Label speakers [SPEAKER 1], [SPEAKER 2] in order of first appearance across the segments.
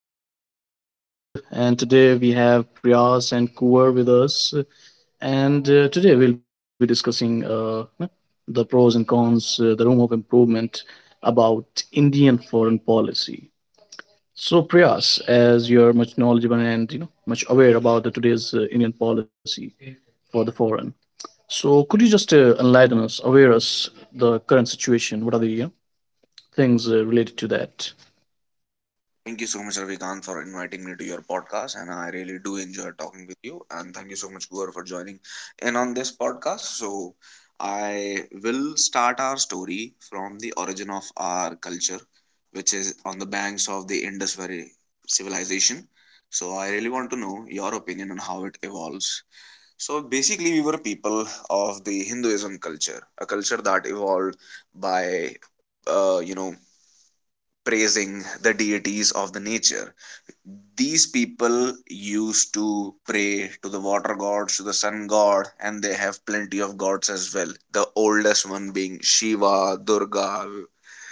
[SPEAKER 1] podcast. I'm Ravi and today we have Priyas and Kuar with us. And today we'll be discussing the pros and cons, the room of improvement about Indian foreign policy. So, Priyas, as you're much knowledgeable and much aware about the today's Indian policy for the foreign, so could you just enlighten us, aware us the current situation? What are the things related to that?
[SPEAKER 2] Thank you so much, Ravikant, for inviting me to your podcast. And I really do enjoy talking with you. And thank you so much, Gaur, for joining in on this podcast. So, I will start our story from the origin of our culture, which is on the banks of the Indus Valley civilization. So, I really want to know your opinion on how it evolves. So, basically, we were people of the Hinduism culture, a culture that evolved by, uh, you know, praising the deities of the nature. These people used to pray to the water gods, to the sun god, and they have plenty of gods as well, the oldest one being Shiva, Durga.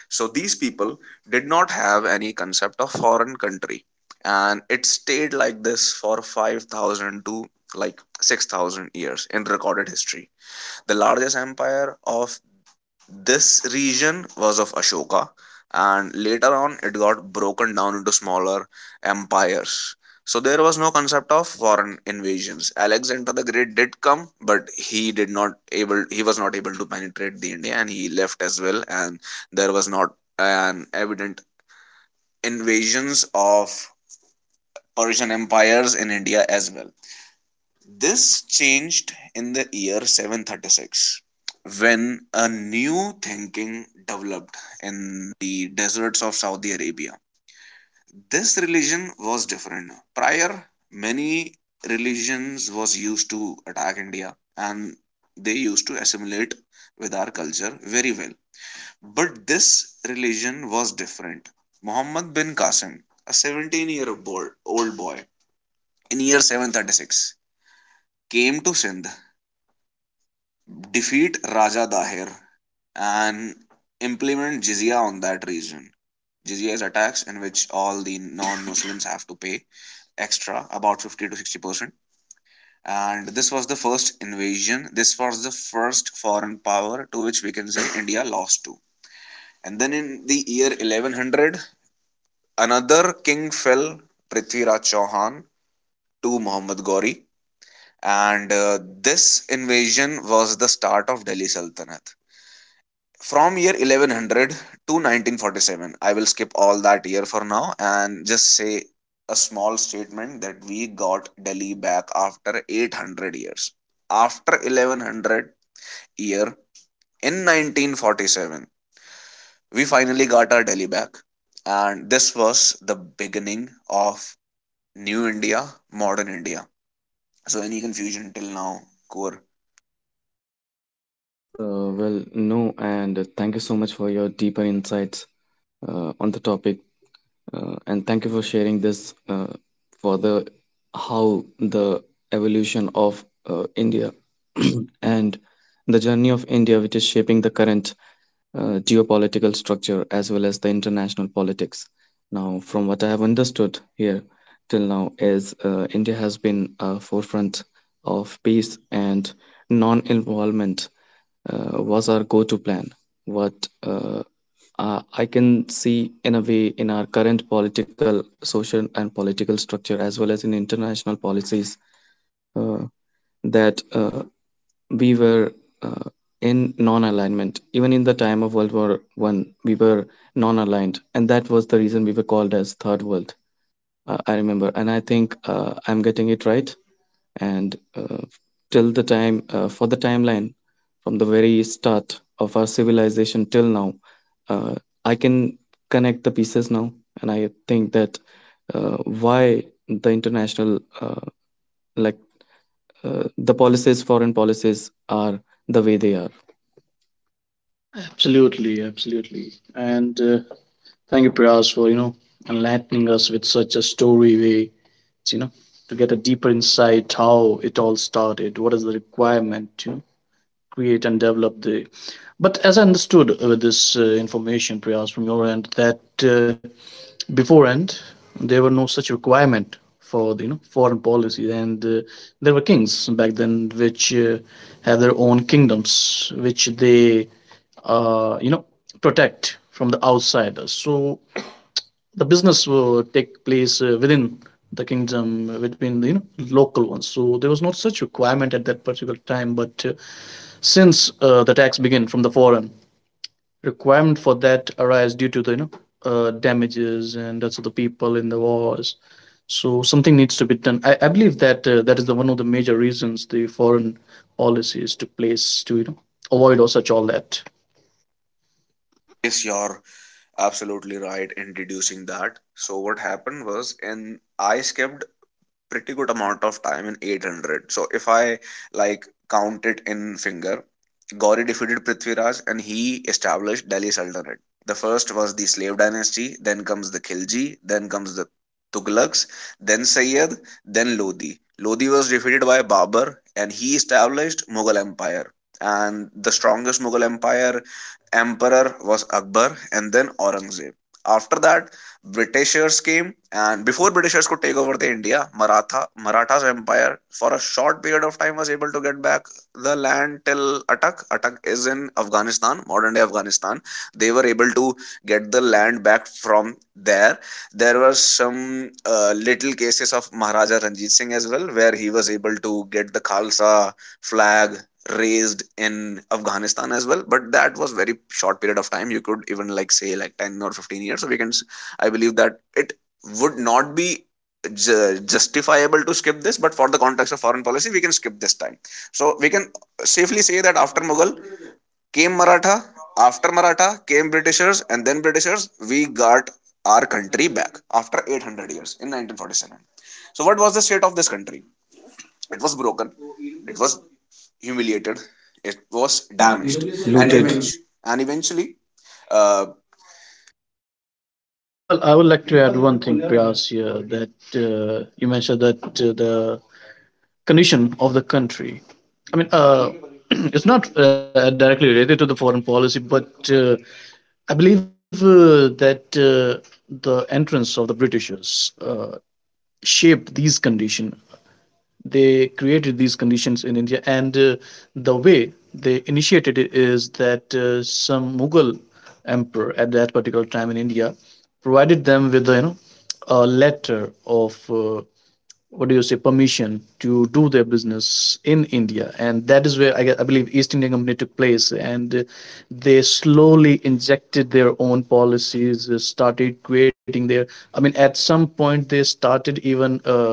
[SPEAKER 2] So these people did not have any concept of foreign country, and it stayed like this for 5,000 to like 6,000 years in recorded history. The largest empire of this region was of Ashoka, and later on it got broken down into smaller empires. So there was no concept of foreign invasions. Alexander the Great did come, but he was not able to penetrate the India, and he left as well. And there was not an evident invasions of Persian empires in India as well. This changed in the year 736, when a new thinking developed in the deserts of Saudi Arabia. This religion was different. Prior, many religions was used to attack India, and they used to assimilate with our culture very well. But this religion was different. Muhammad bin Qasim, a 17-year-old boy in year 736, came to Sindh, defeat Raja Dahir, and implement jizya on that region. Jizya is a tax in which all the non-Muslims have to pay extra, about 50 to 60%. And this was the first invasion. This was the first foreign power to which we can say India lost to. And then in the year 1100, another king fell, Prithviraj Chauhan, to Muhammad Ghori. And this invasion was the start of Delhi Sultanate. From year 1100 to 1947, I will skip all that year for now, and just say a small statement, that we got Delhi back after 800 years. After 1100 year, in 1947, we finally got our Delhi back. And this was the beginning of new India, modern India. So, any confusion till now, core?
[SPEAKER 3] No, and thank you so much for your deeper insights on the topic, and thank you for sharing this for the how the evolution of India and the journey of India, which is shaping the current geopolitical structure as well as the international politics. Now, from what I have understood here till now, is India has been a forefront of peace and non-involvement was our go-to plan. What uh, I can see in a way in our current political, social, and political structure, as well as in international policies, uh, that we were uh, in non-alignment. Even in the time of World War One, we were non-aligned, and that was the reason we were called as Third World. I remember, and I think I'm getting it right. And till the time, for the timeline, from the very start of our civilization till now, uh, I can connect the pieces now, and I think that why the international, like the policies, foreign policies are the way they are.
[SPEAKER 1] Absolutely, absolutely. And thank you, Priyas, for enlightening us with such a story way. You know, to get a deeper insight how it all started, what is the requirement, create and develop the, but as I understood with this information, Priyas, from your end that beforehand there were no such requirement for the foreign policy, and there were kings back then which have their own kingdoms which they uh, you know protect from the outsiders, so the business will take place within the kingdom between the local ones. So there was not such requirement at that particular time. But since the tax began from the foreign, requirement for that arise due to the damages and also the people in the wars. So something needs to be done. I believe that that is the one of the major reasons the foreign policy is to place to avoid or such all that.
[SPEAKER 2] Is your absolutely right in deducing that. So what happened was, and I skipped pretty good amount of time in 800, so if I like count it in finger, Gauri defeated Prithviraj, and he established Delhi Sultanate. The first was the slave dynasty, then comes the Khilji, then comes the Tughlaqs, then Sayyid, then Lodi. Lodi was defeated by Babur, and he established Mughal Empire. And the strongest Mughal empire emperor was Akbar, and then Aurangzeb. After that, Britishers came, and before Britishers could take over the India, Marathas Empire for a short period of time was able to get back the land till Atak. Atak is in Afghanistan, modern day Afghanistan. They were able to get the land back from there. There were some little cases of Maharaja Ranjit Singh as well, where he was able to get the Khalsa flag raised in Afghanistan as well. But that was very short period of time. You could even like say like 10 or 15 years. So we can I believe that it would not be justifiable to skip this, but for the context of foreign policy, we can skip this time. So we can safely say that after Mughal came Maratha, after Maratha came Britishers, and then Britishers, we got our country back after 800 years in 1947. So what was the state of this country? It was broken, it was humiliated, it was damaged, and even
[SPEAKER 3] Looted.
[SPEAKER 2] and eventually uh,
[SPEAKER 1] Oh well, I would like to add one thing, Priyas, here that you mentioned that the condition of the country. I mean, it's not directly related to the foreign policy, but I believe that the entrance of the Britishers shaped these conditions, they created these conditions in India. And the way they initiated it is that some Mughal emperor at that particular time in India provided them with a letter of, what do you say, permission to do their business in India, and that is where I believe East India Company took place, and they slowly injected their own policies, started creating their. I mean, at some point they started even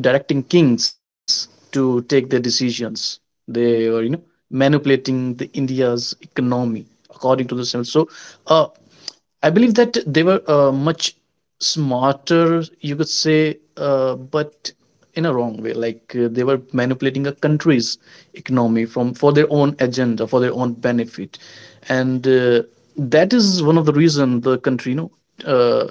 [SPEAKER 1] directing kings to take their decisions. They were manipulating the India's economy according to the civil. So uh, I believe that they were much smarter, you could say, but in a wrong way. Like they were manipulating a country's economy from for their own agenda, for their own benefit, and that is one of the reason the country, uh,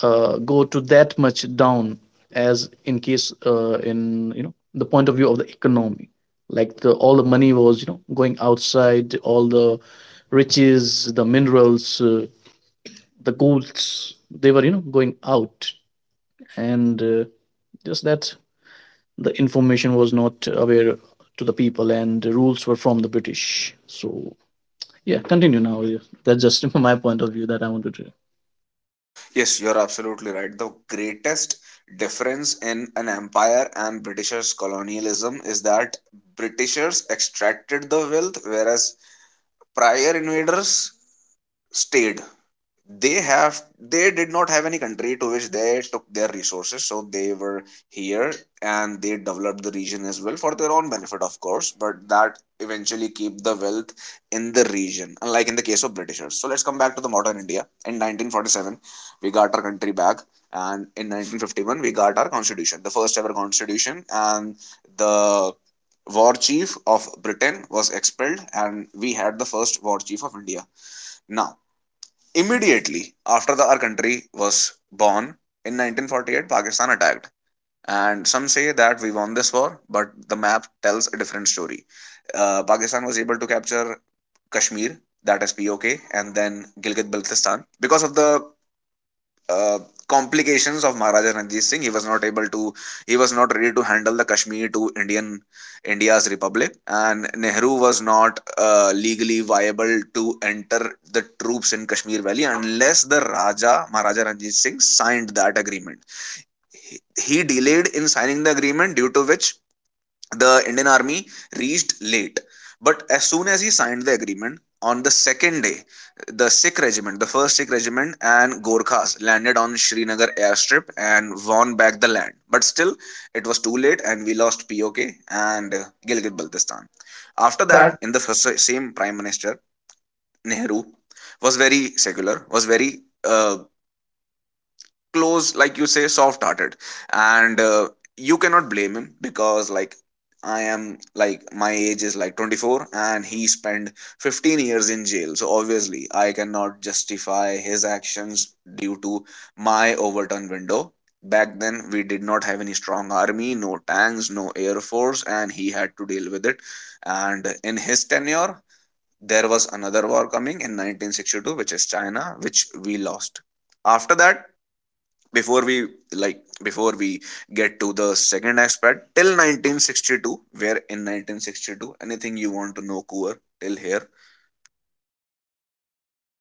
[SPEAKER 1] go to that much down, as in case in the point of view of the economy. Like the, all the money was going outside, all the riches, the minerals, the goals they were going out, and just that the information was not aware to the people and the rules were from the British. So yeah, continue now. Yeah. That's just from my point of view that I wanted to.
[SPEAKER 2] Yes, you're absolutely right. The greatest difference in an empire and Britishers' colonialism is that Britishers extracted the wealth, whereas prior invaders stayed. They have they did not have any country to which they took their resources, so they were here, and they developed the region as well for their own benefit, of course, but that eventually keep the wealth in the region, unlike in the case of Britishers. So let's come back to the modern India. In 1947, we got our country back, and in 1951, we got our constitution, the first ever constitution. And the war chief of Britain was expelled, and we had the first war chief of India. Now, immediately after our country was born in 1948, Pakistan attacked. And some say that we won this war, but the map tells a different story. Pakistan was able to capture Kashmir, that is POK, and then Gilgit Baltistan because of the uh, complications of Maharaja Ranjit Singh. He was not ready to handle the Kashmir to Indian India's Republic, and Nehru was not legally viable to enter the troops in Kashmir Valley unless the Raja Maharaja Ranjit Singh signed that agreement. He, he delayed in signing the agreement, due to which the Indian army reached late. But as soon as he signed the agreement, on the second day, the Sikh regiment, the first Sikh regiment, and Gorkhas landed on Srinagar airstrip and won back the land. But still, it was too late, and we lost POK and Gilgit Baltistan. After
[SPEAKER 1] After
[SPEAKER 2] that,
[SPEAKER 1] that,
[SPEAKER 2] in the same prime minister, Nehru was very secular, was very uh, close, like you say, soft hearted. And you cannot blame him, because like I am, like my age is like 24, and he spent 15 years in jail, so obviously I cannot justify his actions due to my overturn window. Back then we did not have any strong army, no tanks, no air force, and he had to deal with it. And in his tenure, there was another war coming in 1962, which is China, which we lost. After that, before we before we get to the second aspect till 1962, where in 1962, anything you want to know, Kuvar, till here?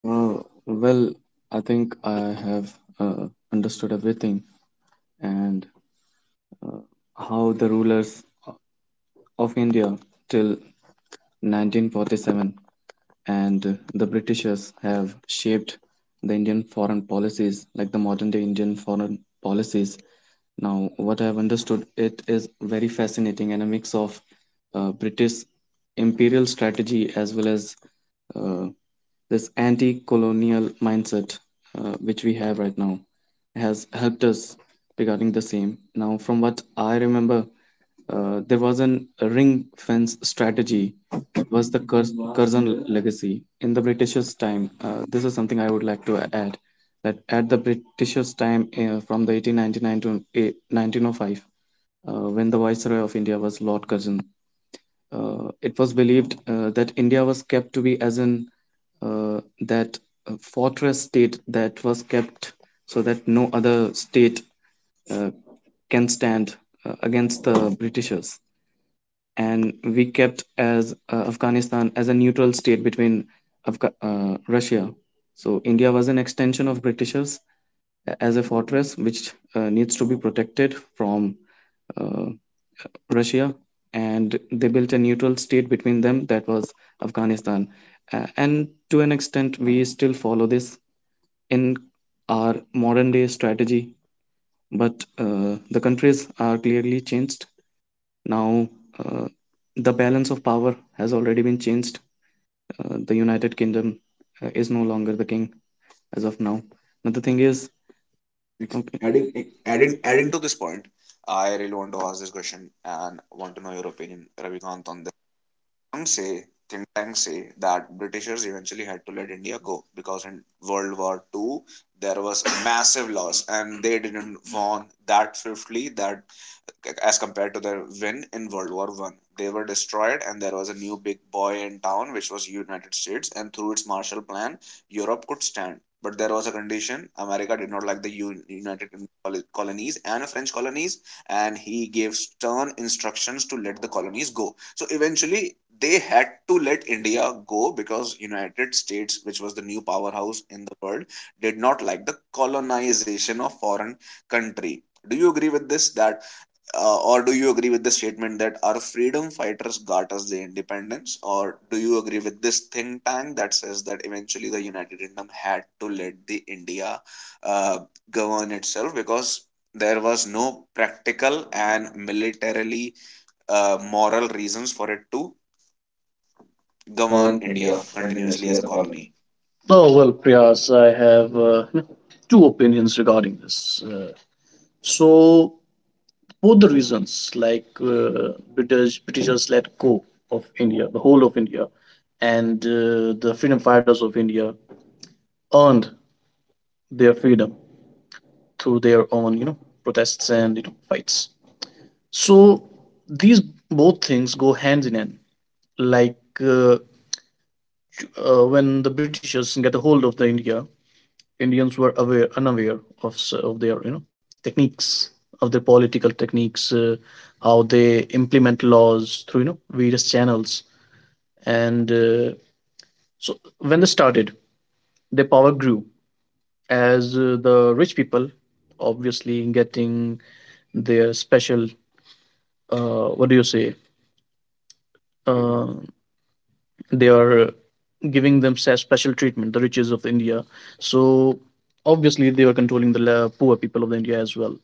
[SPEAKER 3] Uh, well, I think I have uh, understood everything and uh, how the rulers of India till 1947 and the Britishers have shaped the Indian foreign policies like the modern day Indian foreign policies. Now, what I have understood, it is very fascinating and a mix of British imperial strategy as well as uh, this anti-colonial mindset which we have right now has helped us regarding the same. Now, from what I remember, there was an ring fence strategy was the Curzon legacy in the British's time. This is something I would like to add that at the British's time from the 1899 to 1905, when the Viceroy of India was Lord Curzon, it was believed that India was kept to be as in that fortress state that was kept so that no other state uh, can stand against the Britishers. And we kept as Afghanistan as a neutral state between Russia. So India was an extension of Britishers as a fortress which needs to be protected from uh, Russia, and they built a neutral state between them that was Afghanistan. And to an extent, we still follow this in our modern day strategy, but the countries are clearly changed. Now, uh, the balance of power has already been changed. The United Kingdom is no longer the king as of now. Now, the thing is, okay. Adding,
[SPEAKER 2] Like, adding
[SPEAKER 3] adding, adding.
[SPEAKER 2] adding to this point, I really want to ask this question and want to know your opinion, Ravikant, on... Some say, think tanks say, that Britishers eventually had to let India go because in World War II there was a massive loss, and they didn't won that swiftly that as compared to their win in World War I. They were destroyed, and there was a new big boy in town, which was United States, and through its Marshall Plan Europe could stand. But there was a condition: America did not like the United colonies and French colonies, and he gave stern instructions to let the colonies go. So eventually, they had to let India go, because United States, which was the new powerhouse in the world, did not like the colonization of foreign country. Do you agree with this? That Or do you agree with the statement that our freedom fighters got us the independence? Or do you agree with this think tank that says that eventually the United Kingdom had to let the India uh, govern itself, because there was no practical and militarily moral reasons for it to govern
[SPEAKER 1] govern
[SPEAKER 2] India
[SPEAKER 1] India
[SPEAKER 2] continuously
[SPEAKER 1] continuously
[SPEAKER 2] as
[SPEAKER 1] as
[SPEAKER 2] a
[SPEAKER 1] a colony.
[SPEAKER 2] colony?
[SPEAKER 1] Oh, well, Priyas, I have two opinions regarding this. Uh, so, both the reasons, like Britishers let go of India, the whole of India, and the freedom fighters of India earned their freedom through their own, protests and fights. So these both things go hand in hand. Like uh, when the Britishers get a hold of the India, Indians were aware, unaware of of their techniques, of their political techniques, how they implement laws through various channels. And so when they started, their power grew as the rich people, obviously getting their special, what do you say? Uh, they are giving themselves special treatment, the riches of India. So obviously they were controlling the poor people of the India as well.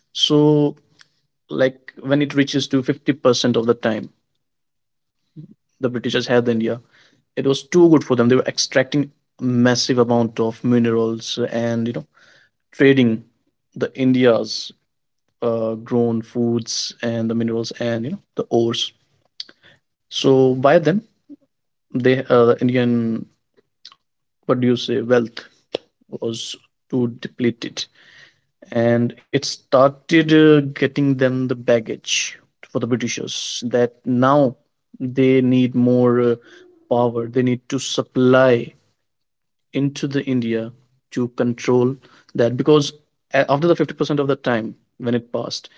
[SPEAKER 1] So like when it reaches to 50% of the time, the Britishers had India, it was too good for them. They were extracting massive amount of minerals, and trading the India's grown foods and the minerals and the ores. So by then they, Indian, what do you say, wealth was too depleted, and it started getting them the baggage for the Britishers, that now they need more power, they need to supply into the India to control that. Because after the 50% of the time when it passed,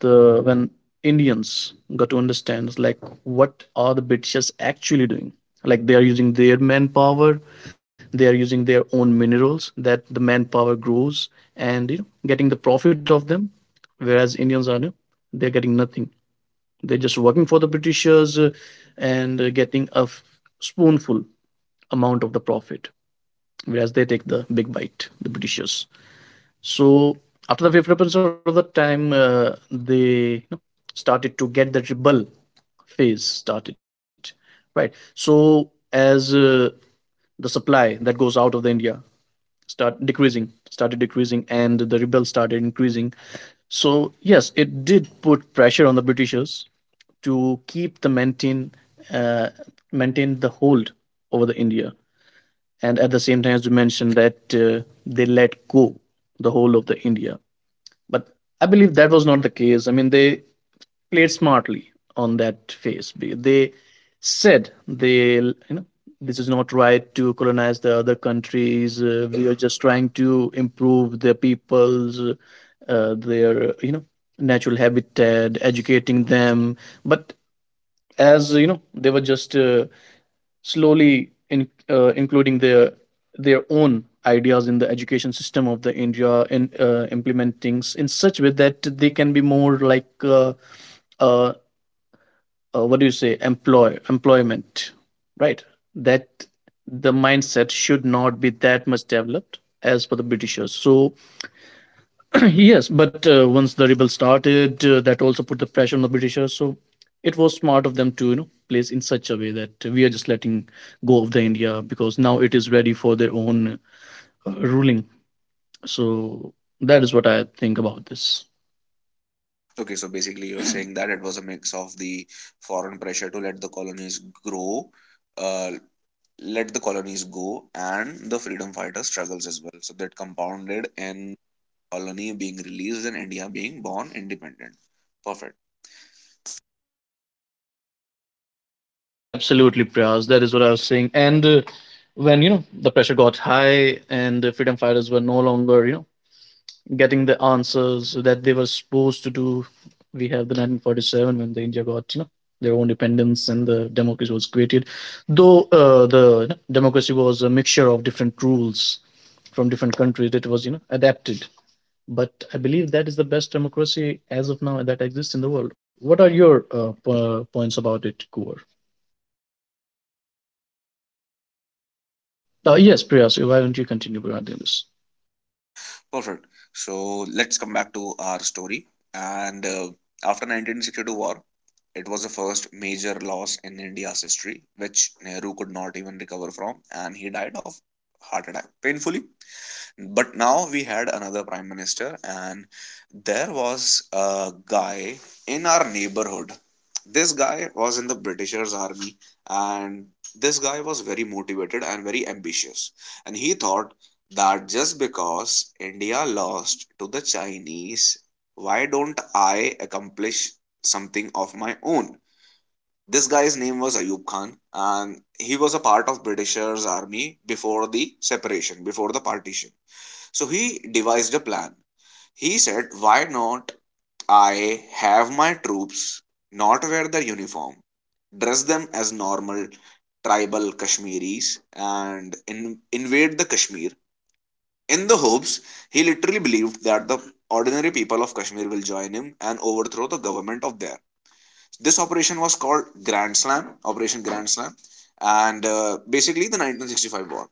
[SPEAKER 1] the when Indians got to understand like what are the Britishers actually doing. Like they are using their manpower, they are using their own minerals that the manpower grows, and getting the profit of them, whereas Indians are, they're getting nothing. They're just working for the Britishers, and getting a spoonful amount of the profit, whereas they take the big bite, the Britishers. So after the 50% of the time, they, started to get the rebel phase started, right? So as the supply that goes out of the India started decreasing, and the rebel started increasing. So yes, it did put pressure on the Britishers to keep the maintain uh, maintain the hold over the India, and at the same time, as you mentioned, that they let go the whole of the India. But I believe that was not the case. I mean, they played smartly on that phase. Said they, this is not right to colonize the other countries. We are just trying to improve their peoples, their natural habitat, educating them. But, as you know, they were just slowly including their own ideas in the education system of the India, and implement things in such way that they can be more like uh, what do you say employment, right, that the mindset should not be that much developed as for the Britishers, so yes, but once the rebels started, that also put the pressure on the Britishers. So it was smart of them to place in such a way that we are just letting go of the India, because now it is ready for their own ruling. So that is what I think about this.
[SPEAKER 2] Okay, so basically you're saying that it was a mix of the foreign pressure to uh, let the colonies go and the freedom fighter struggles as well, so that compounded in colony being released and India being born independent. perfect
[SPEAKER 1] Yes, absolutely, Priyas. That is what I was saying. And when the pressure got high and the freedom fighters were no longer getting the answers that they were supposed to do. We have the 1947 when the India got their own independence and the democracy was created, though the democracy was a mixture of different rules from different countries. It was adapted, but I believe that is the best democracy as of now that exists in the world. What are your points about it, Kuvar? Yes, Priya. So why don't you continue regarding this?
[SPEAKER 2] perfect So let's come back to our story. And after 1962 war, it was the first major loss in India's history, which Nehru could not even recover from, and he died of heart attack painfully. But now we had another prime minister, and there was a guy in our neighborhood. This guy was in the Britishers army, and this guy was very motivated and very ambitious, and he thought that, just because India lost to the Chinese, why don't I accomplish something of my own? This guy's name was Ayub Khan, and he was a part of Britishers army before the partition. So he devised a plan. He said, why not I have my troops not wear their uniform, dress them as normal tribal Kashmiris, and invade the Kashmir? In the hopes, he literally believed that the ordinary people of Kashmir will join him and overthrow the government of there. This operation was called Grand Slam, Operation Grand Slam, and basically the 1965 war.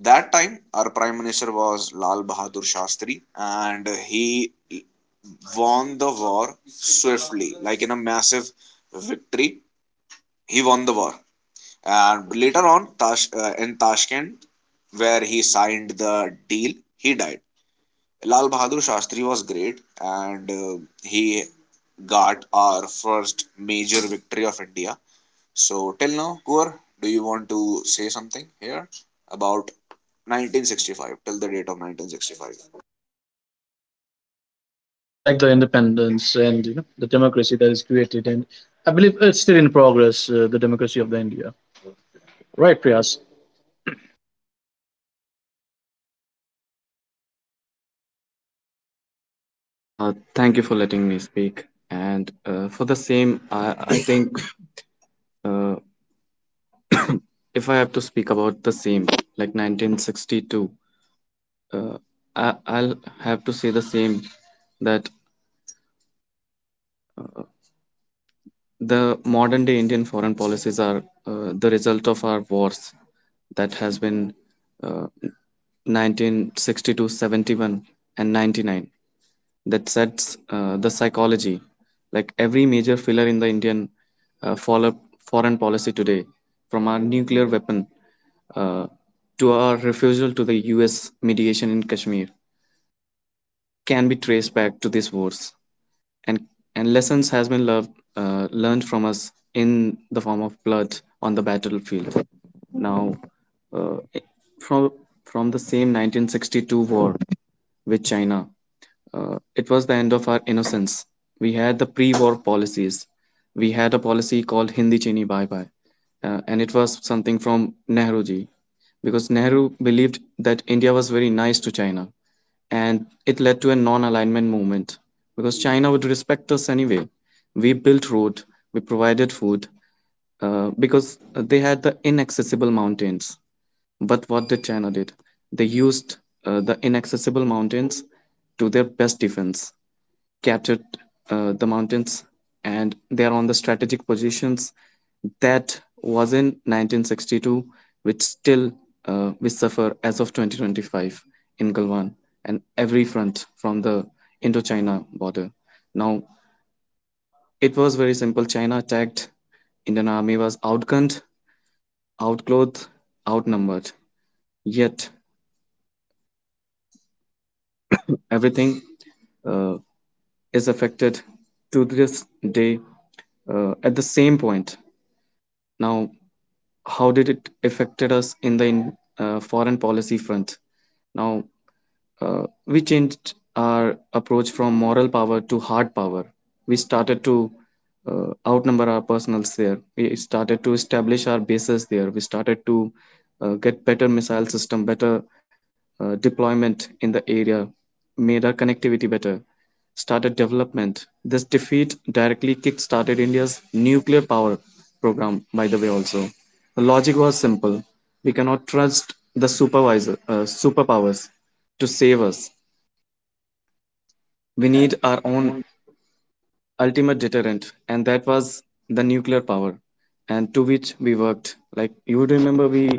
[SPEAKER 2] That time our prime minister was Lal Bahadur Shastri, and he won the war swiftly, like in a massive victory. He won the war, and later on in Tashkent, where he signed the deal, he died. Lal Bahadur Shastri was great, and he got our first major victory of India. So, till now, Kuvar, do you want to say something here about 1965, till the date of 1965?
[SPEAKER 1] Like the independence and the democracy that is created, and I believe it's still in progress, the democracy of the India, right, Priyas?
[SPEAKER 3] Thank you for letting me speak. And For the same, I think uh, if I have to speak about the same, like 1962, uh, I'll have to say the same that the modern day Indian foreign policies are the result of our wars that has been uh, 1962, and 99 that sets the psychology. Like every major filler in the Indian uh, follow- foreign policy today, from our nuclear weapon uh, to our refusal to the US mediation in Kashmir can be traced back to these wars and and lessons has been learned from us in the form of blood on the battlefield now, uh, from from the same 1962 war with china. It was the end of our innocence. We had the pre war policies. We had a policy called Hindi Chini Bye Bye, and it was something from Nehruji because Nehru believed that India was very nice to China and it led to a non-alignment movement because China would respect us anyway. We built road, we provided food because they had the inaccessible mountains. But what did China did? They used the inaccessible mountains to their best defense, captured the mountains, and they are on the strategic positions that was in 1962, which still we suffer as of 2025 in Galwan and every front from the Indochina border. Now, it was very simple. China attacked. Indian army was outgunned, outclothed, outnumbered. Yet, everything uh, is affected to this day at the same point. Now, how did it affected us in the foreign policy front now? We changed our approach from moral power to hard power. We started to outnumber our personals there. We started to establish our bases there. We started to get better missile system, better deployment in the area, made our connectivity better, started development. This defeat directly kick-started India's nuclear power program, by the way, also. The logic was simple. We cannot trust the superpowers to save us. We need our own
[SPEAKER 1] And-
[SPEAKER 3] ultimate deterrent, and that was the nuclear power, and to which we worked. Like you would remember, we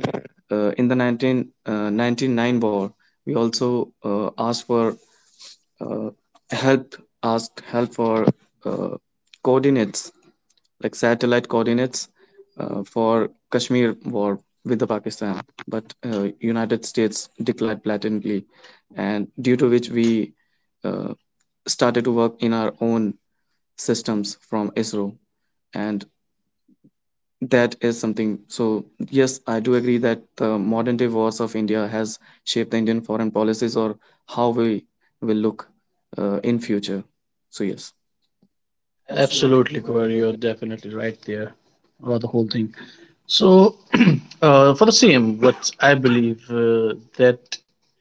[SPEAKER 3] uh, in the 1999 war, we also asked for uh, help ask help for uh, coordinates like satellite coordinates for Kashmir war with the Pakistan, but United States declared blatantly, and due to which we uh, started to work in our own systems from ISRO, and that is something. So, yes, I do agree that the modern day wars of India has shaped the Indian foreign policies or how we will look in future. So, yes.
[SPEAKER 1] Absolutely, Kumar, you're definitely right there about the whole thing. So for the same what I believe, that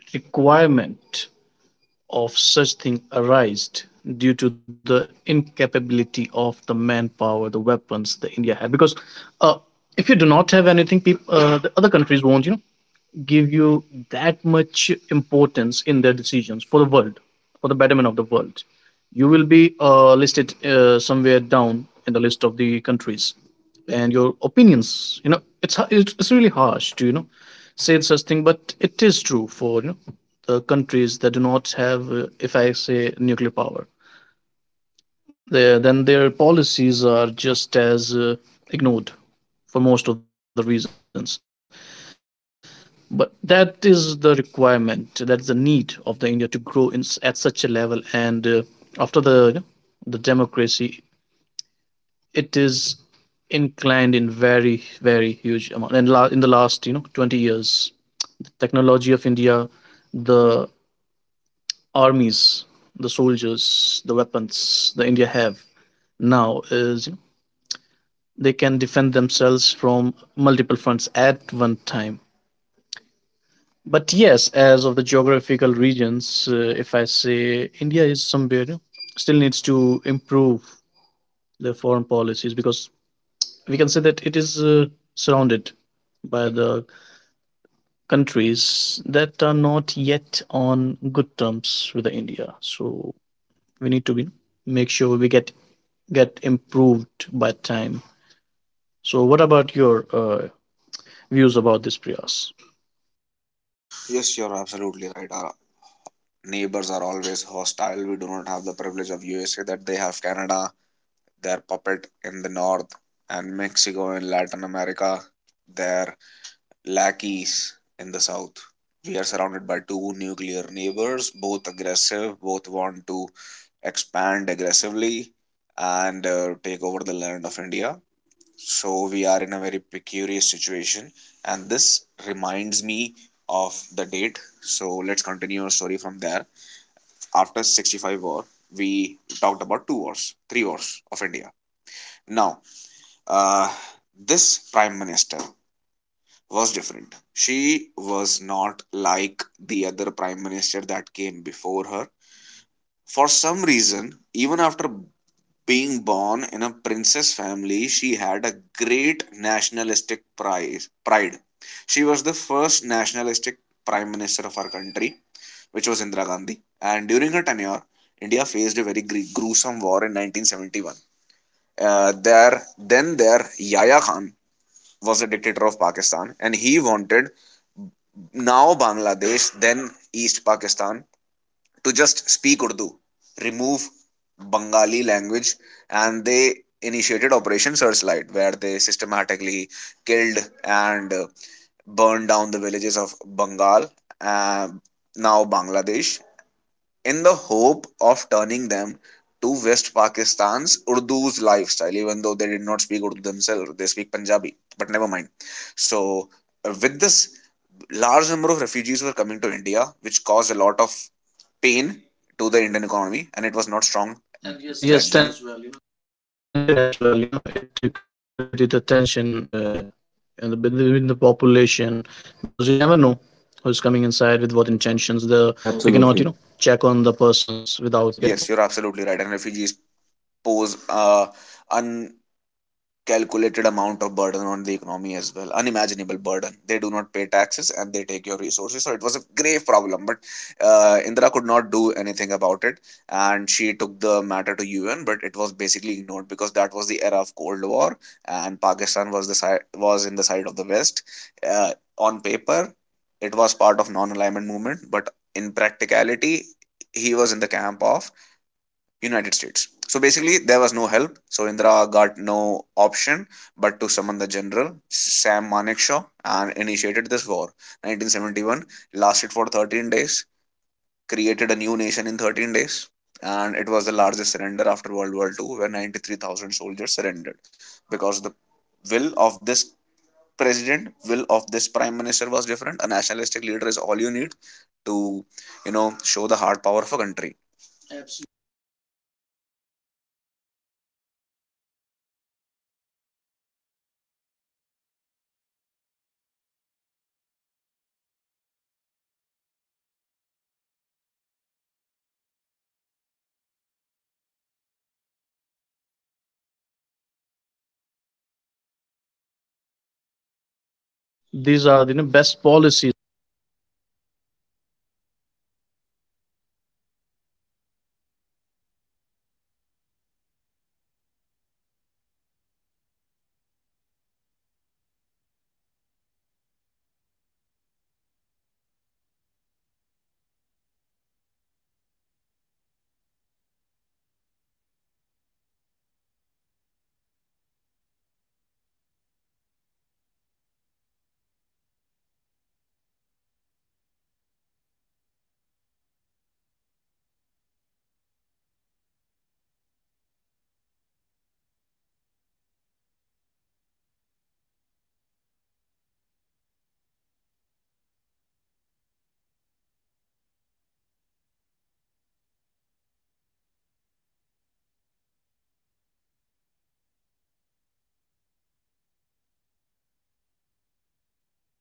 [SPEAKER 1] requirement of such thing arised due to the incapability of the manpower, the weapons that India had, because uh, if you do not have anything, people, the other countries won't give you that much importance in their decisions for the world, for the betterment of the world. You will be listed somewhere down in the list of the countries, and your opinions. You know, it's ha- it's really harsh to say such thing, but it is true for the countries that do not have, if I say, nuclear power. Then their policies are just as ignored for most of the reasons, but that is the requirement. That's the need of the India to grow at such a level. And after the democracy, it is inclined in very, very huge amount. In the last 20 years, the technology of India, the armies, the soldiers, the weapons the India have now is, they can defend themselves from multiple fronts at one time. But yes, as of the geographical regions, if I say India is somewhere, still needs to improve the foreign policies, because we can say that it is surrounded by the countries that are not yet on good terms with the India. So we need to be, make sure we get improved by time. So what about your views about this, Priyas?
[SPEAKER 2] Yes, you're absolutely right. Our neighbors are always hostile. We do not have the privilege of USA, that they have Canada, their puppet in the north, and Mexico and Latin America, their lackeys in the south. We are surrounded by two nuclear neighbors, both aggressive, both want to expand aggressively, and take over the land of India. So we are in a very precarious situation, and this reminds me of the date. So let's continue our story from there. After 65 war, we talked about two wars three wars of India. Now uh, this prime minister was different. She was not like the other prime minister that came before her, for some reason. Even after being born in a princess family, she had a great nationalistic pride. She was the first nationalistic prime minister of our country, which was Indira Gandhi. And during her tenure, India faced a very gruesome war in 1971. Then there, Yahya Khan was the dictator of Pakistan, and he wanted now Bangladesh, then East Pakistan, to just speak Urdu, remove Bengali language, and they initiated Operation Searchlight, where they systematically killed and burned down the villages of Bengal, uh, now Bangladesh, in the hope of turning them to West Pakistan's Urdu's lifestyle, even though they did not speak Urdu themselves, they speak Punjabi, but never mind. So, with this, large number of refugees were coming to India, which caused a lot of pain to the Indian economy, and it was
[SPEAKER 1] And it
[SPEAKER 2] not
[SPEAKER 1] was not
[SPEAKER 2] strong.
[SPEAKER 1] strong.
[SPEAKER 2] And yes,
[SPEAKER 1] And
[SPEAKER 2] back
[SPEAKER 1] yes,
[SPEAKER 2] then as
[SPEAKER 1] tension
[SPEAKER 2] well,
[SPEAKER 1] as
[SPEAKER 2] you know?
[SPEAKER 1] well, it created a tension in the between the population, because you never know who's coming inside with what intentions. The We cannot check on the persons without
[SPEAKER 3] Absolutely.
[SPEAKER 1] getting to know.
[SPEAKER 2] Yes, you're absolutely right. And refugees pose an calculated amount of burden on the economy as well, unimaginable burden. They do not pay taxes and they take your resources, so it was a grave problem. But Indira could not do anything about it, and she took the matter to UN, but it was basically ignored, because that was the era of cold war, and Pakistan was the side, was in the side of the west. uh, on paper, it was part of non-alignment movement, but in practicality, he was in the camp of United States. So basically, there was no help. So Indira got no option but to summon the general Sam Manekshaw and initiated this war. 1971 lasted for 13 days, created a new nation in 13 days, and it was the largest surrender after World War II, where 93,000 soldiers surrendered, because the will of this will of this prime minister was different. A nationalistic leader is all you need to show the hard power of a country. Absolutely.
[SPEAKER 1] Absolutely, and that also inspires the army that is fighting for the country. you know it lightens up them, the fire, the will of the internet defend, and yes, the policies that are as of now, Priyas, I strongly think that as per the situation, these are the best policies as of now. But yes, there are rooms of improvement that I believe we can, you know, continue in our next podcast. About the improvement areas, about the next 10-year plans of the countries to be developed, the army front, on the economical front, and, the international rules as well. So let's talk about these in our next podcast, and so I'll be, having you both as well. So for now, let's stop here, and we'll see you on the next podcast. And whoever is listening to the podcast, I believe they get some information regarding the foreign policies and how it is created and it shaped the country. Thank you very much. Let's see you on the next podcast. Thank you very much, Prayas and Kuwar.